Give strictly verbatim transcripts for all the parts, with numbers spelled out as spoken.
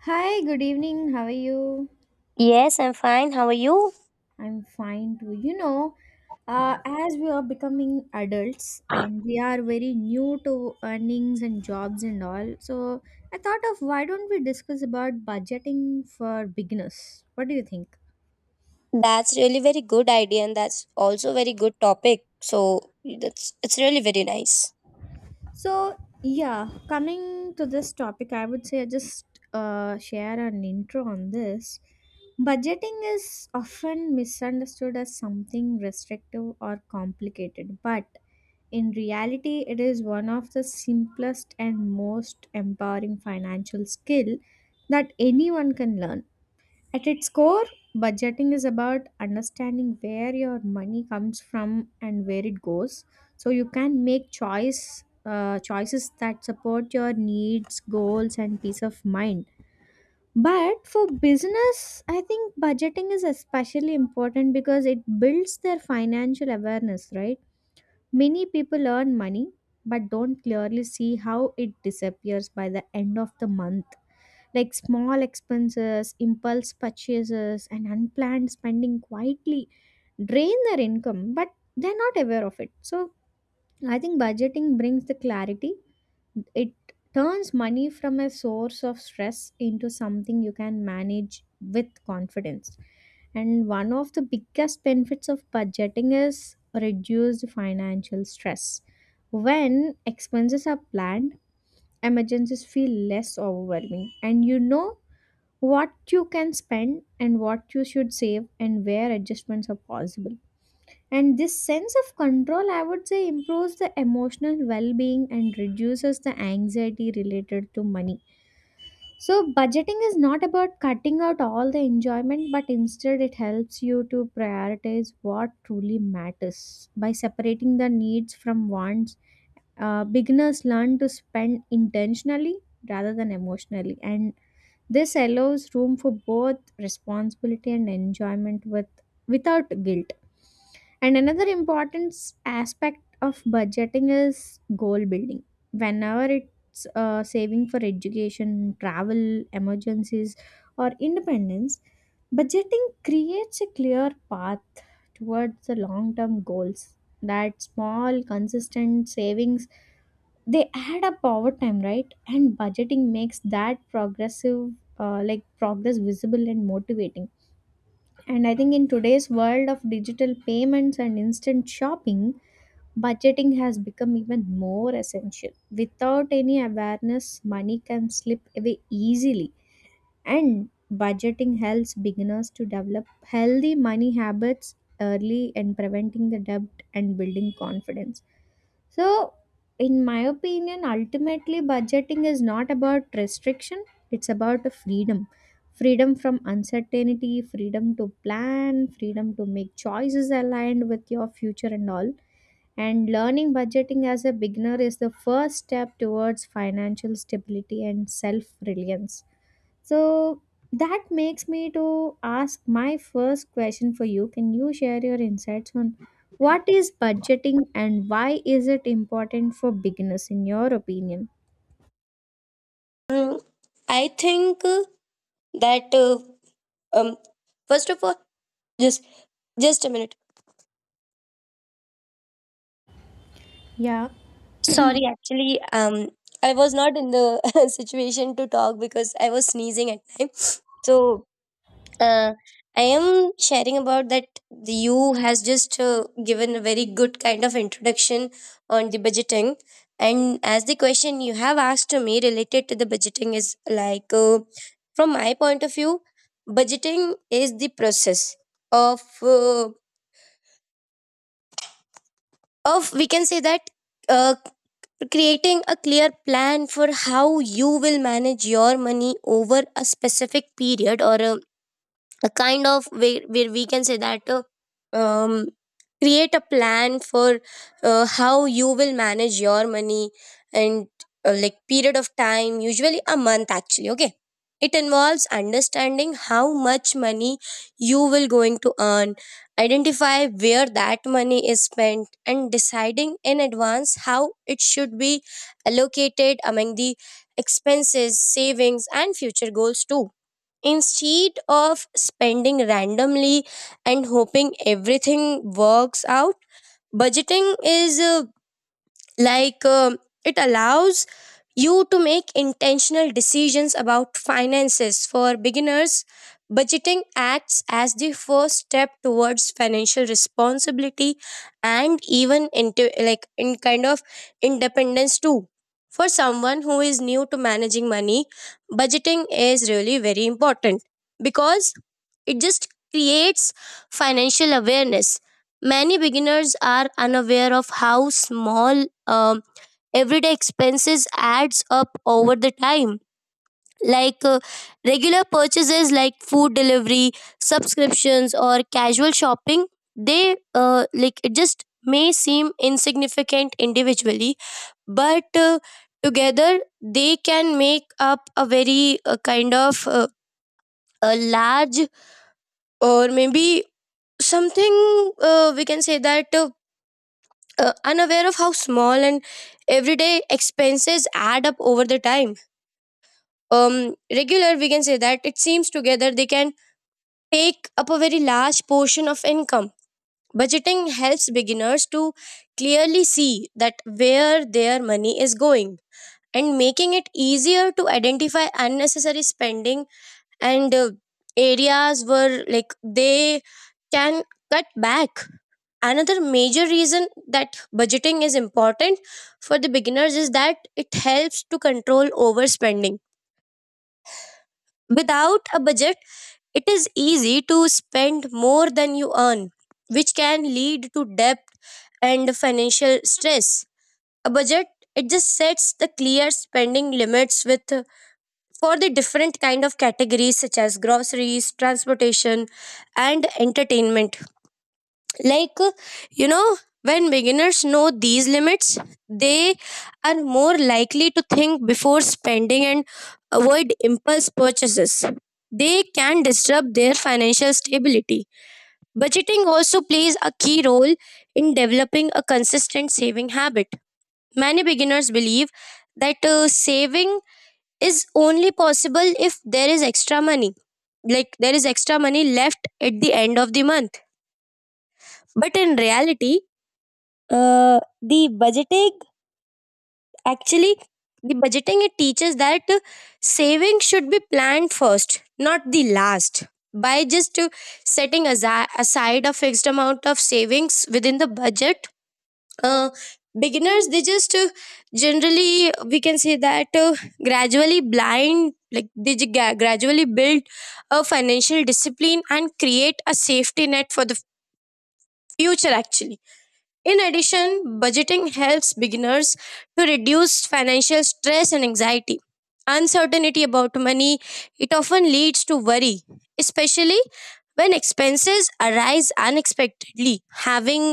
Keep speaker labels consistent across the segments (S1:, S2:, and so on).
S1: Hi, good evening. How are you?
S2: Yes, I'm fine. How are you?
S1: I'm fine too. You know, uh, as we are becoming adults and we are very new to earnings and jobs and all, so I thought of why don't we discuss about budgeting for beginners? What do you think?
S2: That's really very good idea, and that's also very good topic. So that's it's really very nice.
S1: So, yeah, coming to this topic, I would say I just uh, share an intro on this. Budgeting is often misunderstood as something restrictive or complicated, but in reality, it is one of the simplest and most empowering financial skill that anyone can learn. At its core, budgeting is about understanding where your money comes from and where it goes, so you can make choice uh, choices that support your needs, goals, and peace of mind. But for business, I think budgeting is especially important because it builds their financial awareness, right? Many people earn money but don't clearly see how it disappears by the end of the month. Like small expenses, impulse purchases, and unplanned spending quietly drain their income, but they're not aware of it. So I think budgeting brings the clarity. It turns money from a source of stress into something you can manage with confidence, and one of the biggest benefits of budgeting is reduced financial stress. When expenses are planned, emergencies feel less overwhelming and you know what you can spend and what you should save and where adjustments are possible, and this sense of control, I would say, improves the emotional well being and reduces the anxiety related to money. So, budgeting is not about cutting out all the enjoyment, but instead, it helps you to prioritize what truly matters. By separating the needs from wants, uh, beginners learn to spend intentionally rather than emotionally. And this allows room for both responsibility and enjoyment with without guilt. And another important s- aspect of budgeting is goal building. Whenever it's uh, saving for education, travel, emergencies, or independence, budgeting creates a clear path towards the long term goals. That small, consistent savings, they add up over time, right? And budgeting makes that progressive uh, like progress visible and motivating. And I think in today's world of digital payments and instant shopping, budgeting has become even more essential. Without any awareness, money can slip away easily, and budgeting helps beginners to develop healthy money habits early and preventing the debt and building confidence. So, in my opinion, ultimately, budgeting is not about restriction, it's about a freedom, freedom from uncertainty, freedom to plan, freedom to make choices aligned with your future and all. And learning budgeting as a beginner is the first step towards financial stability and self reliance. So that makes me to ask my first question for you. Can you share your insights on what is budgeting and why is it important for beginners in your opinion?
S2: Mm, I think uh, that uh, um first of all, just just a minute.
S1: Yeah.
S2: Sorry, actually um I was not in the situation to talk because I was sneezing at time. So, uh, I am sharing about that the you has just uh, given a very good kind of introduction on the budgeting. And as the question you have asked to me related to the budgeting is like, uh, from my point of view, budgeting is the process of uh, of, we can say that, uh, creating a clear plan for how you will manage your money over a specific period, or a a kind of where, where we can say that, uh, um, create a plan for uh, how you will manage your money and, uh, like, period of time, usually a month actually. Okay, it involves understanding how much money you will going to earn, identify where that money is spent, and deciding in advance how it should be allocated among the expenses, savings, and future goals too. Instead of spending randomly and hoping everything works out, budgeting is, uh, like um, it allows you to make intentional decisions about finances. For beginners, budgeting acts as the first step towards financial responsibility and even into, like, in kind of independence too. For someone who is new to managing money, budgeting is really very important because it just creates financial awareness. Many beginners are unaware of how small, um, everyday expenses adds up over the time. Like, uh, regular purchases like food delivery, subscriptions, or casual shopping, they uh, like it just may seem insignificant individually, but, uh, together they can make up a very, uh, kind of uh, a large, or maybe something, uh, we can say that, uh, uh, unaware of how small and everyday expenses add up over the time. Um, regular, we can say that, it seems together they can take up a very large portion of income. Budgeting helps beginners to clearly see that where their money is going, and making it easier to identify unnecessary spending and, uh, areas where, like, they can cut back. Another major reason that budgeting is important for the beginners is that it helps to control overspending. Without a budget, it is easy to spend more than you earn, which can lead to debt and financial stress. A budget, it just sets the clear spending limits with, for the different kind of categories such as groceries, transportation, and entertainment. Like, uh, you know, when beginners know these limits, they are more likely to think before spending and avoid impulse purchases. They can disrupt their financial stability. Budgeting also plays a key role in developing a consistent saving habit. Many beginners believe that, uh, saving is only possible if there is extra money, like there is extra money left at the end of the month. But in reality, Uh, the budgeting actually the budgeting it teaches that saving should be planned first, not the last. By just, uh, setting asi- aside a fixed amount of savings within the budget, uh, beginners, they just uh, generally, we can say that, uh, gradually blind like they ju- gra- gradually build a financial discipline and create a safety net for the future actually. In addition, budgeting helps beginners to reduce financial stress and anxiety. Uncertainty about money, it often leads to worry, especially when expenses arise unexpectedly. Having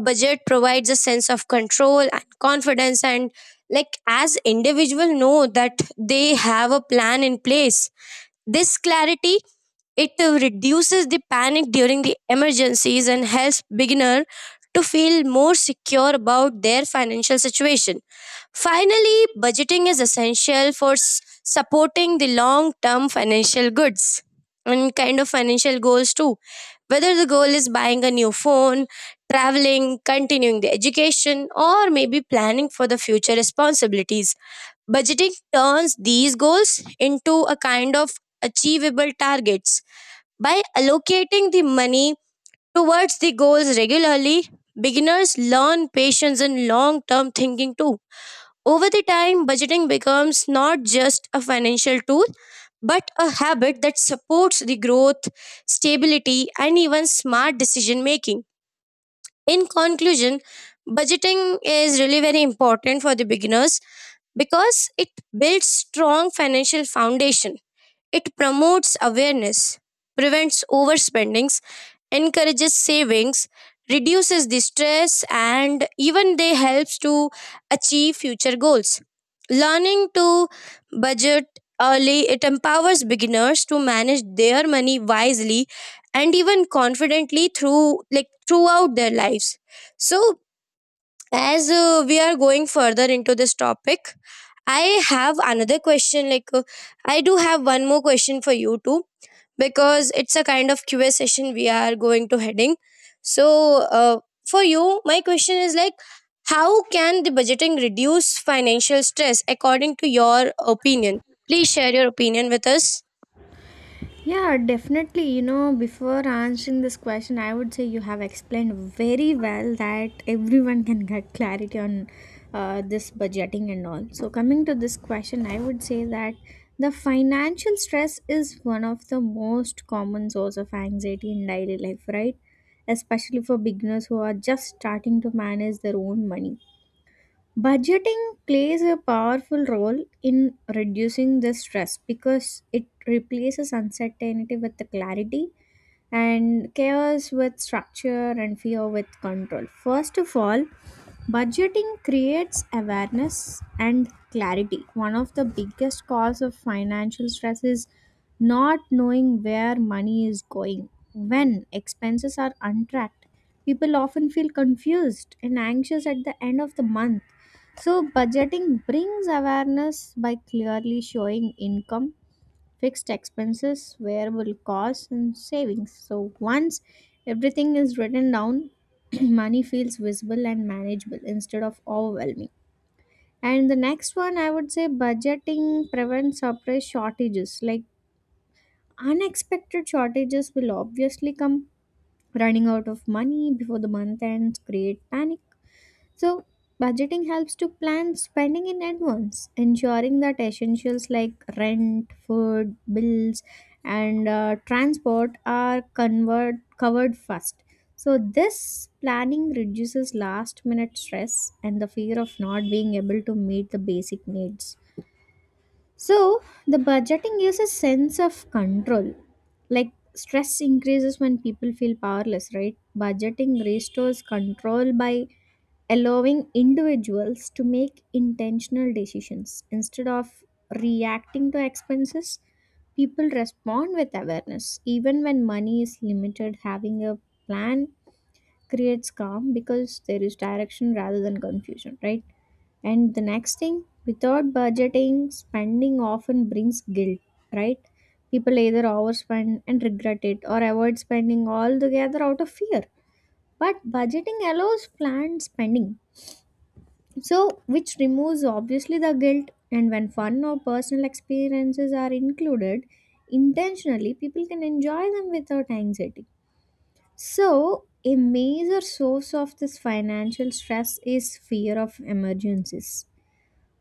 S2: a budget provides a sense of control and confidence, and like, as individuals know that they have a plan in place, this clarity, it uh, reduces the panic during the emergencies and helps beginner to feel more secure about their financial situation. Finally, budgeting is essential for s- supporting the long term financial goods and kind of financial goals too. Whether the goal is buying a new phone, traveling, continuing the education, or maybe planning for the future responsibilities. Budgeting turns these goals into a kind of achievable targets. By allocating the money towards the goals regularly, beginners learn patience and long term thinking too. Over the time, budgeting becomes not just a financial tool, but a habit that supports the growth, stability, and even smart decision making. In conclusion, budgeting is really very important for the beginners because it builds strong financial foundation. It promotes awareness, prevents overspendings, encourages savings, reduces the stress, and even they helps to achieve future goals. Learning to budget early, it empowers beginners to manage their money wisely and even confidently through, like, throughout their lives. So, as, uh, we are going further into this topic, I have another question, like, uh, I do have one more question for you too, because it's a kind of QA session we are going to heading. So, uh, for you my question is like, how can the budgeting reduce financial stress according to your opinion? Please share your opinion with us.
S1: Yeah, definitely. You know, before answering this question, I would say you have explained very well that everyone can get clarity on uh, this budgeting and all. So, coming to this question, I would say that the financial stress is one of the most common source of anxiety in daily life, right? Especially for beginners who are just starting to manage their own money. Budgeting plays a powerful role in reducing the stress because it replaces uncertainty with the clarity and chaos with structure and fear with control. First of all, budgeting creates awareness and clarity. One of the biggest cause of financial stress is not knowing where money is going. When expenses are untracked, people often feel confused and anxious at the end of the month. So, budgeting brings awareness by clearly showing income, fixed expenses, variable costs, and savings. So once everything is written down, money feels visible and manageable instead of overwhelming. And the next one, I would say budgeting prevents surprise shortages. Like unexpected shortages will obviously come, running out of money before the month ends, create panic. So, budgeting helps to plan spending in advance, ensuring that essentials like rent, food, bills, and uh, transport are convert, covered first. So, this planning reduces last minute stress and the fear of not being able to meet the basic needs. So the budgeting gives a sense of control. Like stress increases when people feel powerless, right? Budgeting restores control by allowing individuals to make intentional decisions instead of reacting to expenses. People respond with awareness. Even when money is limited, having a plan creates calm because there is direction rather than confusion, right? And the next thing, without budgeting, spending often brings guilt, right? People either overspend and regret it or avoid spending altogether out of fear. But budgeting allows planned spending, so which removes obviously the guilt. And when fun or personal experiences are included intentionally, people can enjoy them without anxiety. So, a major source of this financial stress is fear of emergencies.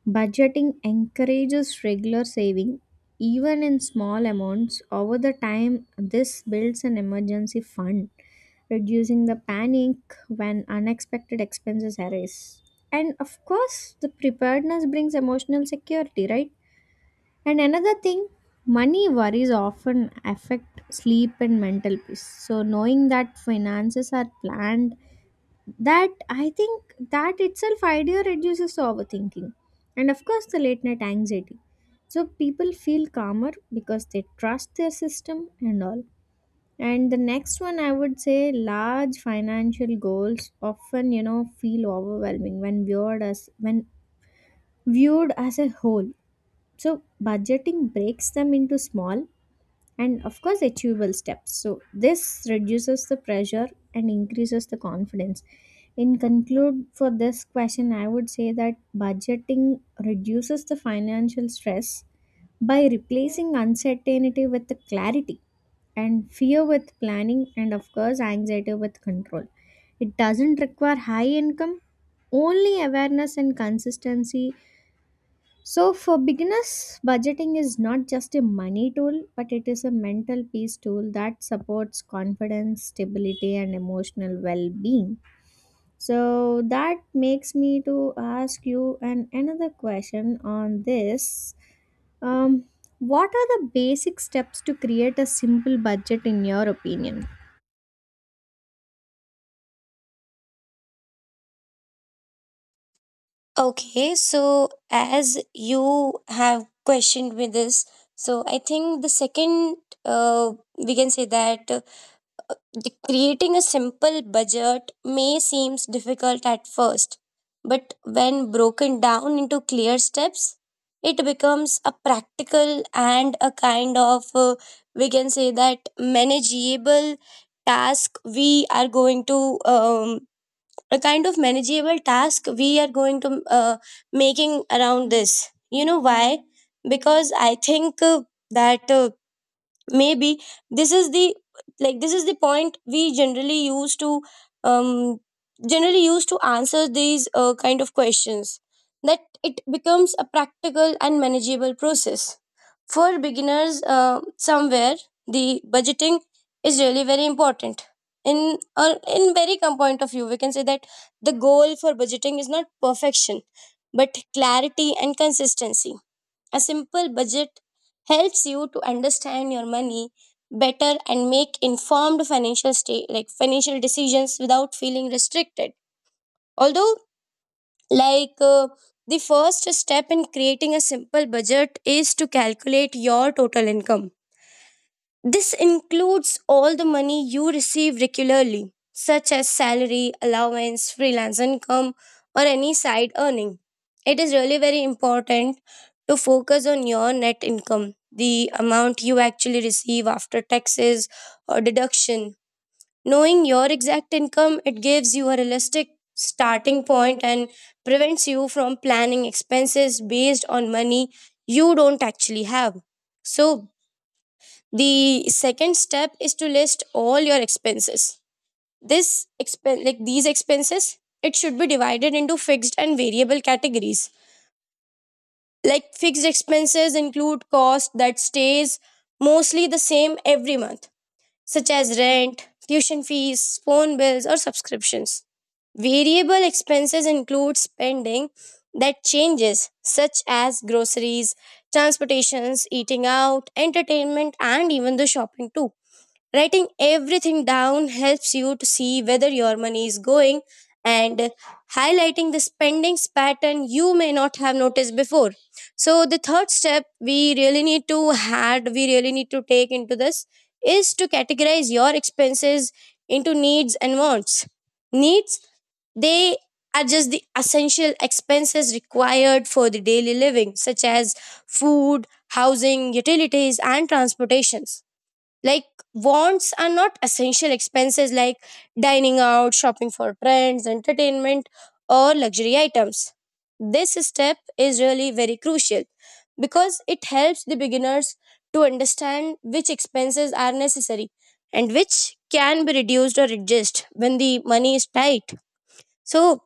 S1: Budgeting encourages regular saving, even in small amounts. Over the time, this builds an emergency fund, reducing the panic when unexpected expenses arise. And of course, the preparedness brings emotional security, right? And another thing, money worries often affect sleep and mental peace. So, knowing that finances are planned, that I think that itself idea reduces to overthinking and of course the late night anxiety, so people feel calmer because they trust their system and all. And the next one, I would say large financial goals often, you know, feel overwhelming when viewed as when viewed as a whole. So budgeting breaks them into small and of course achievable steps. So this reduces the pressure and increases the confidence. In conclude for this question, I would say that budgeting reduces the financial stress by replacing uncertainty with the clarity and fear with planning and of course anxiety with control. It doesn't require high income, only awareness and consistency. So, for beginners, budgeting is not just a money tool, but it is a mental peace tool that supports confidence, stability, and emotional well being. So, that makes me to ask you an, another question on this. Um, what are the basic steps to create a simple budget in your opinion?
S2: Okay, so as you have questioned me this, so I think the second, uh, we can say that, uh, the creating a simple budget may seems difficult at first, but when broken down into clear steps, it becomes a practical and a kind of, uh, we can say that, manageable task we are going to um, a kind of manageable task we are going to, uh, making around this. You know why? Because I think, uh, that uh, maybe this is the, like, this is the point we generally use to, um, generally use to answer these, uh, kind of questions, that it becomes a practical and manageable process for beginners. Uh, somewhere the budgeting is really very important in, uh, in very come point of view, we can say that the goal for budgeting is not perfection, but clarity and consistency. A simple budget helps you to understand your money better and make informed financial state like financial decisions without feeling restricted. Although, like uh, the first step in creating a simple budget is to calculate your total income. This includes all the money you receive regularly, such as salary, allowance, freelance income, or any side earning. It is really very important to focus on your net income, the amount you actually receive after taxes or deduction. Knowing your exact income, it gives you a realistic starting point and prevents you from planning expenses based on money you don't actually have. So, the second step is to list all your expenses. This expen- like these expenses, it should be divided into fixed and variable categories. Like, fixed expenses include cost that stays mostly the same every month, such as rent, tuition fees, phone bills, or subscriptions. Variable expenses include spending that changes, such as groceries, transportations, eating out, entertainment, and even the shopping too. Writing everything down helps you to see whether your money is going, and highlighting the spendings pattern you may not have noticed before. So the third step we really need to add, we really need to take into this is to categorize your expenses into needs and wants. Needs, they are just the essential expenses required for the daily living, such as food, housing, utilities, and transportations. Like, wants are not essential expenses, like dining out, shopping for friends, entertainment, or luxury items. This step is really very crucial because it helps the beginners to understand which expenses are necessary and which can be reduced or adjusted when the money is tight. So,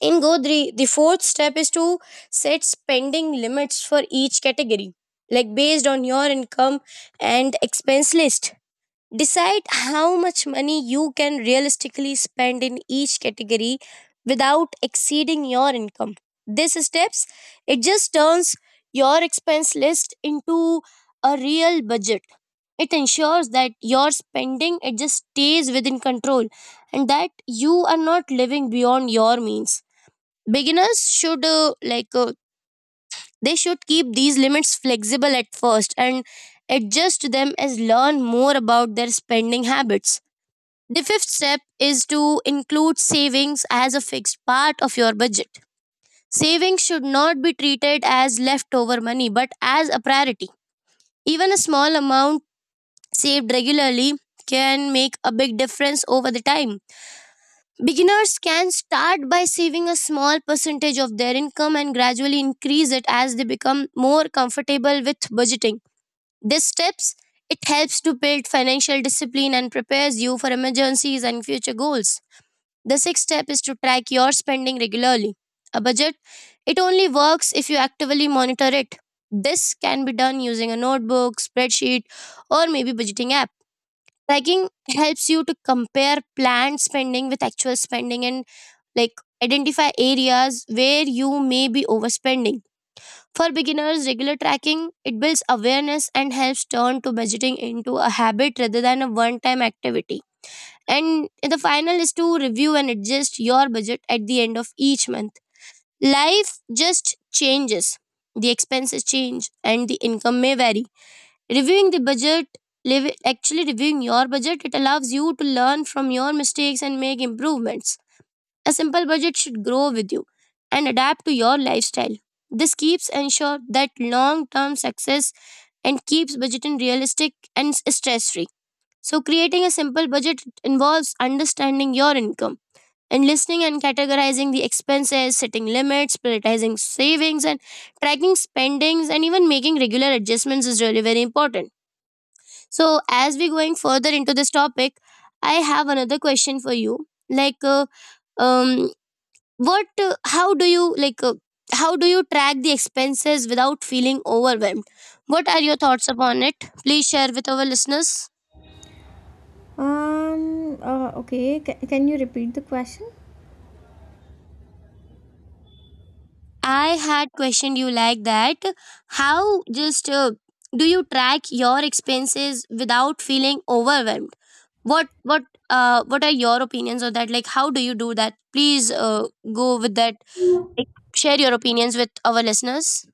S2: in Godri, the fourth step is to set spending limits for each category, like, based on your income and expense list. Decide how much money you can realistically spend in each category without exceeding your income. These steps, it just turns your expense list into a real budget. It ensures that your spending, it just stays within control, and that you are not living beyond your means. Beginners should, uh, like uh, they should keep these limits flexible at first and adjust them as learn more about their spending habits. The fifth step is to include savings as a fixed part of your budget. Savings should not be treated as leftover money, but as a priority. Even a small amount saved regularly can make a big difference over the time. Beginners can start by saving a small percentage of their income and gradually increase it as they become more comfortable with budgeting. These steps, it helps to build financial discipline and prepares you for emergencies and future goals. The sixth step is to track your spending regularly. A budget, it only works if you actively monitor it. This can be done using a notebook, spreadsheet, or maybe budgeting app. Tracking helps you to compare planned spending with actual spending, and, like, identify areas where you may be overspending. For beginners, regular tracking it builds awareness and helps turn to budgeting into a habit rather than a one-time activity, and the final is to review and adjust your budget at the end of each month. Life just changes. The expenses change and the income may vary. Reviewing the budget, live, actually reviewing your budget, it allows you to learn from your mistakes and make improvements. A simple budget should grow with you and adapt to your lifestyle. This keeps ensure that long-term success and keeps budgeting realistic and stress-free. So, creating a simple budget involves understanding your income and listening and categorizing the expenses, setting limits, prioritizing savings, and tracking spendings, and even making regular adjustments is really very important. So, as we going further into this topic, I have another question for you. Like, uh, um, what, uh, how do you like, uh, How do you track the expenses without feeling overwhelmed? What are your thoughts upon it? Please share with our listeners.
S1: Um, uh, okay, ca- can you repeat the question?
S2: I had questioned you like that. How just uh, do you track your expenses without feeling overwhelmed? What what uh what are your opinions on that? Like how do you do that? Please uh, go with that. Like share your opinions with our listeners.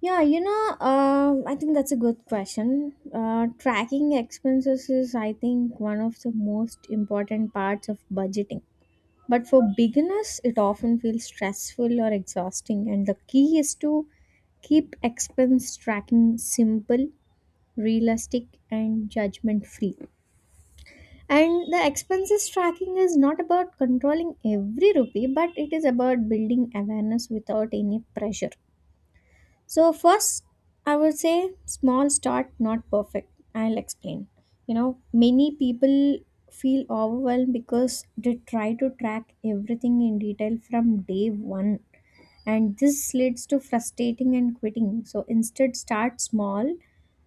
S1: Yeah, you know, um, I think that's a good question. Uh, tracking expenses is, I think, one of the most important parts of budgeting. But for beginners, it often feels stressful or exhausting, and the key is to keep expense tracking simple, realistic, and judgment free. And the expenses tracking is not about controlling every rupee, but it is about building awareness without any pressure. So first, I would say small start, not perfect. I'll explain. You know, many people feel overwhelmed because they try to track everything in detail from day one, and this leads to frustrating and quitting. So instead, start small.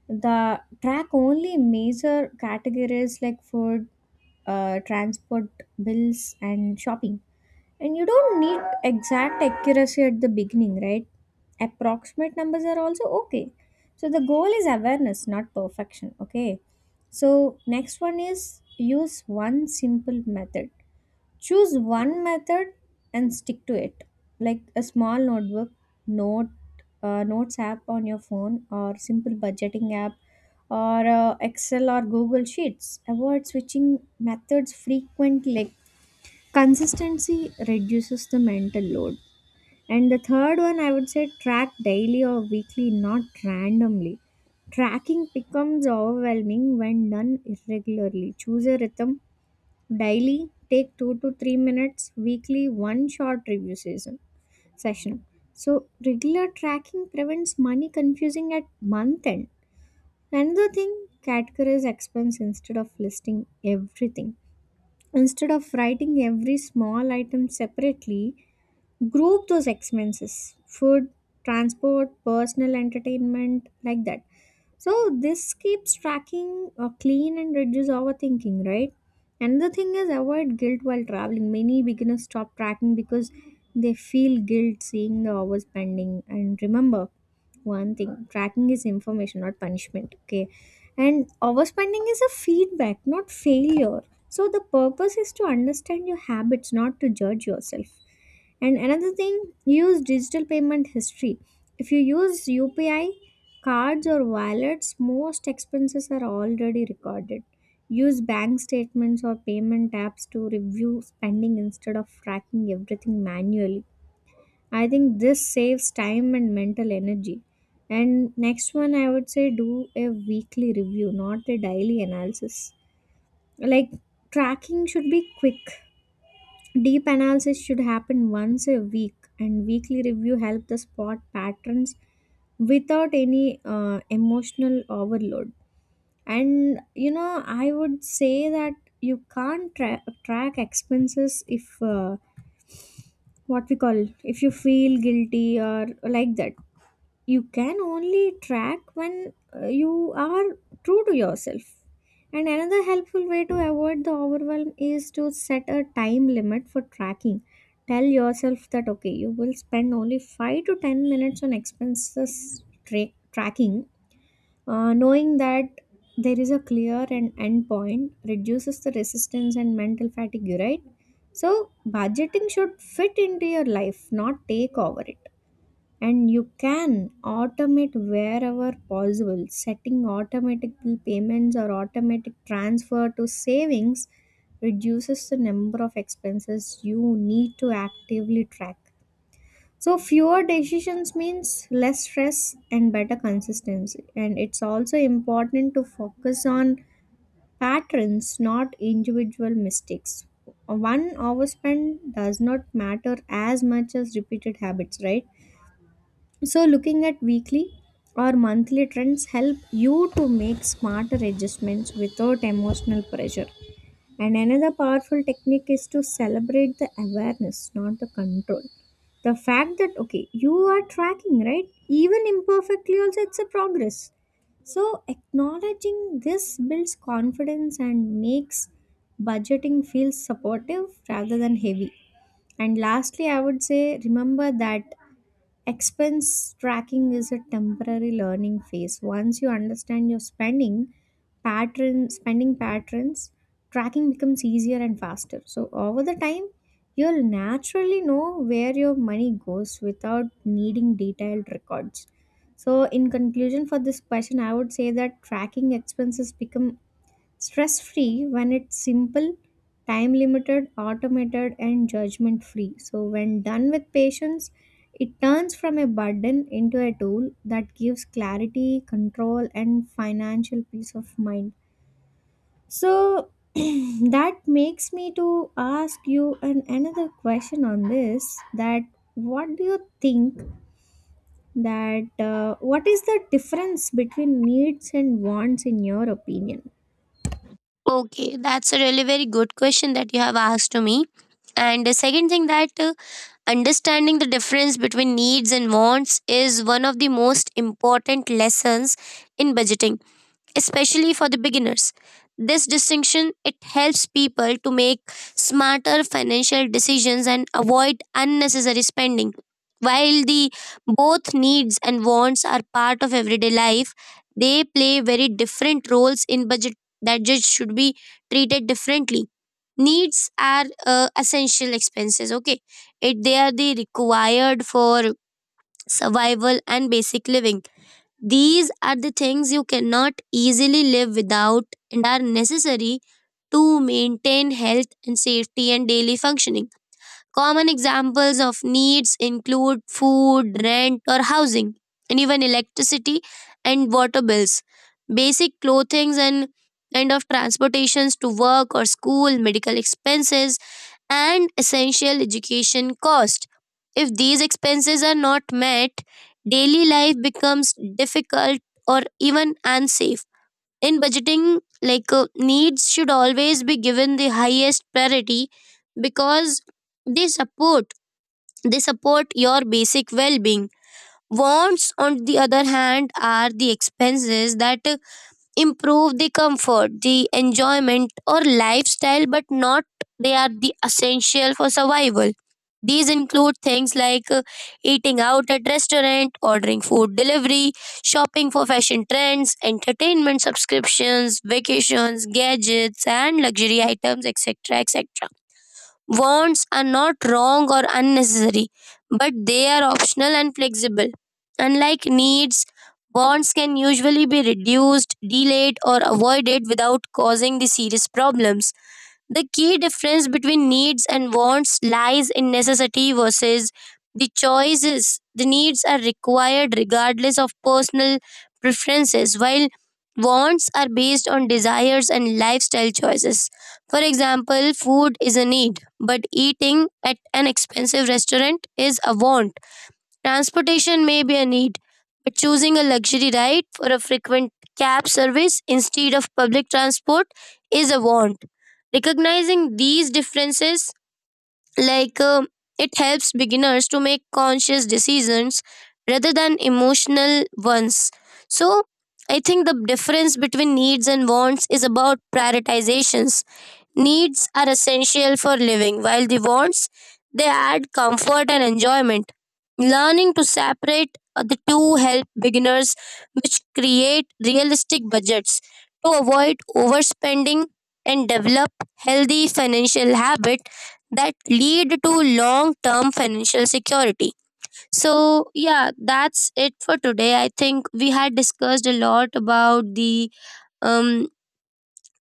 S1: The track only major categories like food, uh, transport, bills, and shopping, and you don't need exact accuracy at the beginning, right? Approximate numbers are also okay. So the goal is awareness, not perfection, okay? So next one is use one simple method. Choose one method and stick to it. Like a small notebook, note uh, notes app on your phone or simple budgeting app or uh, Excel or Google Sheets. Avoid switching methods frequently. Consistency reduces the mental load. And the third one, I would say track daily or weekly, not randomly. Tracking becomes overwhelming when done irregularly. Choose a rhythm: daily, take two to three minutes; weekly, one short review season session. So, regular tracking prevents money confusing at month end. Another thing, categorize expense instead of listing everything. Instead of writing every small item separately, group those expenses: food, transport, personal, entertainment, like that. So this keeps tracking uh, clean and reduce overthinking, right? Another thing is avoid guilt while traveling. Many beginners stop tracking because they feel guilt seeing the hours spending, and remember one thing, tracking is information, not punishment, okay? And overspending is a feedback, not failure. So the purpose is to understand your habits, not to judge yourself. And another thing, use digital payment history. If you use U P I, cards, or wallets, most expenses are already recorded. Use bank statements or payment apps to review spending instead of tracking everything manually. I think this saves time and mental energy. And next one, I would say do a weekly review, not a daily analysis. Like tracking should be quick. Deep analysis should happen once a week, and weekly review help the spot patterns without any uh, emotional overload. And you know, I would say that you can't tra- track expenses if uh, what we call if you feel guilty or like that. You can only track when uh, you are true to yourself. And another helpful way to avoid the overwhelm is to set a time limit for tracking. Tell yourself that okay, you will spend only five to ten minutes on expenses tra- tracking. Uh, knowing that there is a clear and end point reduces the resistance and mental fatigue, right? So, budgeting should fit into your life, not take over it. And you can automate wherever possible. Setting automatic bill payments or automatic transfer to savings reduces the number of expenses you need to actively track. So fewer decisions means less stress and better consistency. And it's also important to focus on patterns, not individual mistakes. One overspend does not matter as much as repeated habits, right? So, looking at weekly or monthly trends help you to make smarter adjustments without emotional pressure. And another powerful technique is to celebrate the awareness, not the control. The fact that, okay, you are tracking, right? Even imperfectly, also, it's a progress. So, acknowledging this builds confidence and makes budgeting feel supportive rather than heavy. And lastly, I would say remember that expense tracking is a temporary learning phase. Once you understand your spending pattern, spending patterns, tracking becomes easier and faster. So over the time, you'll naturally know where your money goes without needing detailed records. So in conclusion for this question, I would say that tracking expenses become stress free when it's simple, time limited, automated, and judgment free. So, when done with patience, it turns from a burden into a tool that gives clarity, control, and financial peace of mind. So, that makes me to ask you an, another question on this, that what do you think that uh, what is the difference between needs and wants in your opinion?
S2: Okay, that's a really very good question that you have asked to me. And the second thing that uh, understanding the difference between needs and wants is one of the most important lessons in budgeting, especially for the beginners. This distinction it helps people to make smarter financial decisions and avoid unnecessary spending. While the both needs and wants are part of everyday life, they play very different roles in budget that just should be treated differently. Needs are uh, essential expenses, okay? It They are the required for survival and basic living. These are the things you cannot easily live without and are necessary to maintain health and safety and daily functioning. Common examples of needs include food, rent, or housing, and even electricity and water bills, basic clothing, and kind of transportations to work or school, medical expenses, and essential education cost. If these expenses are not met, daily life becomes difficult or even unsafe. In budgeting, like uh, needs should always be given the highest priority because they support they support your basic well-being. Wants, on the other hand, are the expenses that improve the comfort, the enjoyment, or lifestyle, but not they are the essential for survival. These include things like uh, eating out at restaurant, ordering food delivery, shopping for fashion trends, entertainment subscriptions, vacations, gadgets, and luxury items, et cetera, et cetera. Wants are not wrong or unnecessary, but they are optional and flexible. Unlike needs, wants can usually be reduced, delayed, or avoided without causing the serious problems. The key difference between needs and wants lies in necessity versus the choices. The needs are required regardless of personal preferences, while wants are based on desires and lifestyle choices. For example, food is a need, but eating at an expensive restaurant is a want. Transportation may be a need, but choosing a luxury ride for a frequent cab service instead of public transport is a want. Recognizing these differences, like uh, it helps beginners to make conscious decisions rather than emotional ones. So, I think the difference between needs and wants is about prioritizations. Needs are essential for living, while the wants they add comfort and enjoyment. Learning to separate uh, the two help beginners which create realistic budgets to avoid overspending and develop healthy financial habits that lead to long term financial security. So yeah, that's it for today. I think we had discussed a lot about the um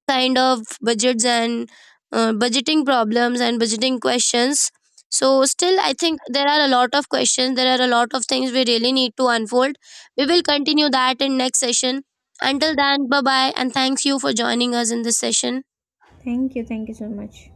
S2: kind of budgets and uh, budgeting problems and budgeting questions. So, still, I think there are a lot of questions. There are a lot of things we really need to unfold. We will continue that in next session. Until then, bye bye, and thanks you for joining us in this session.
S1: Thank you. Thank you so much.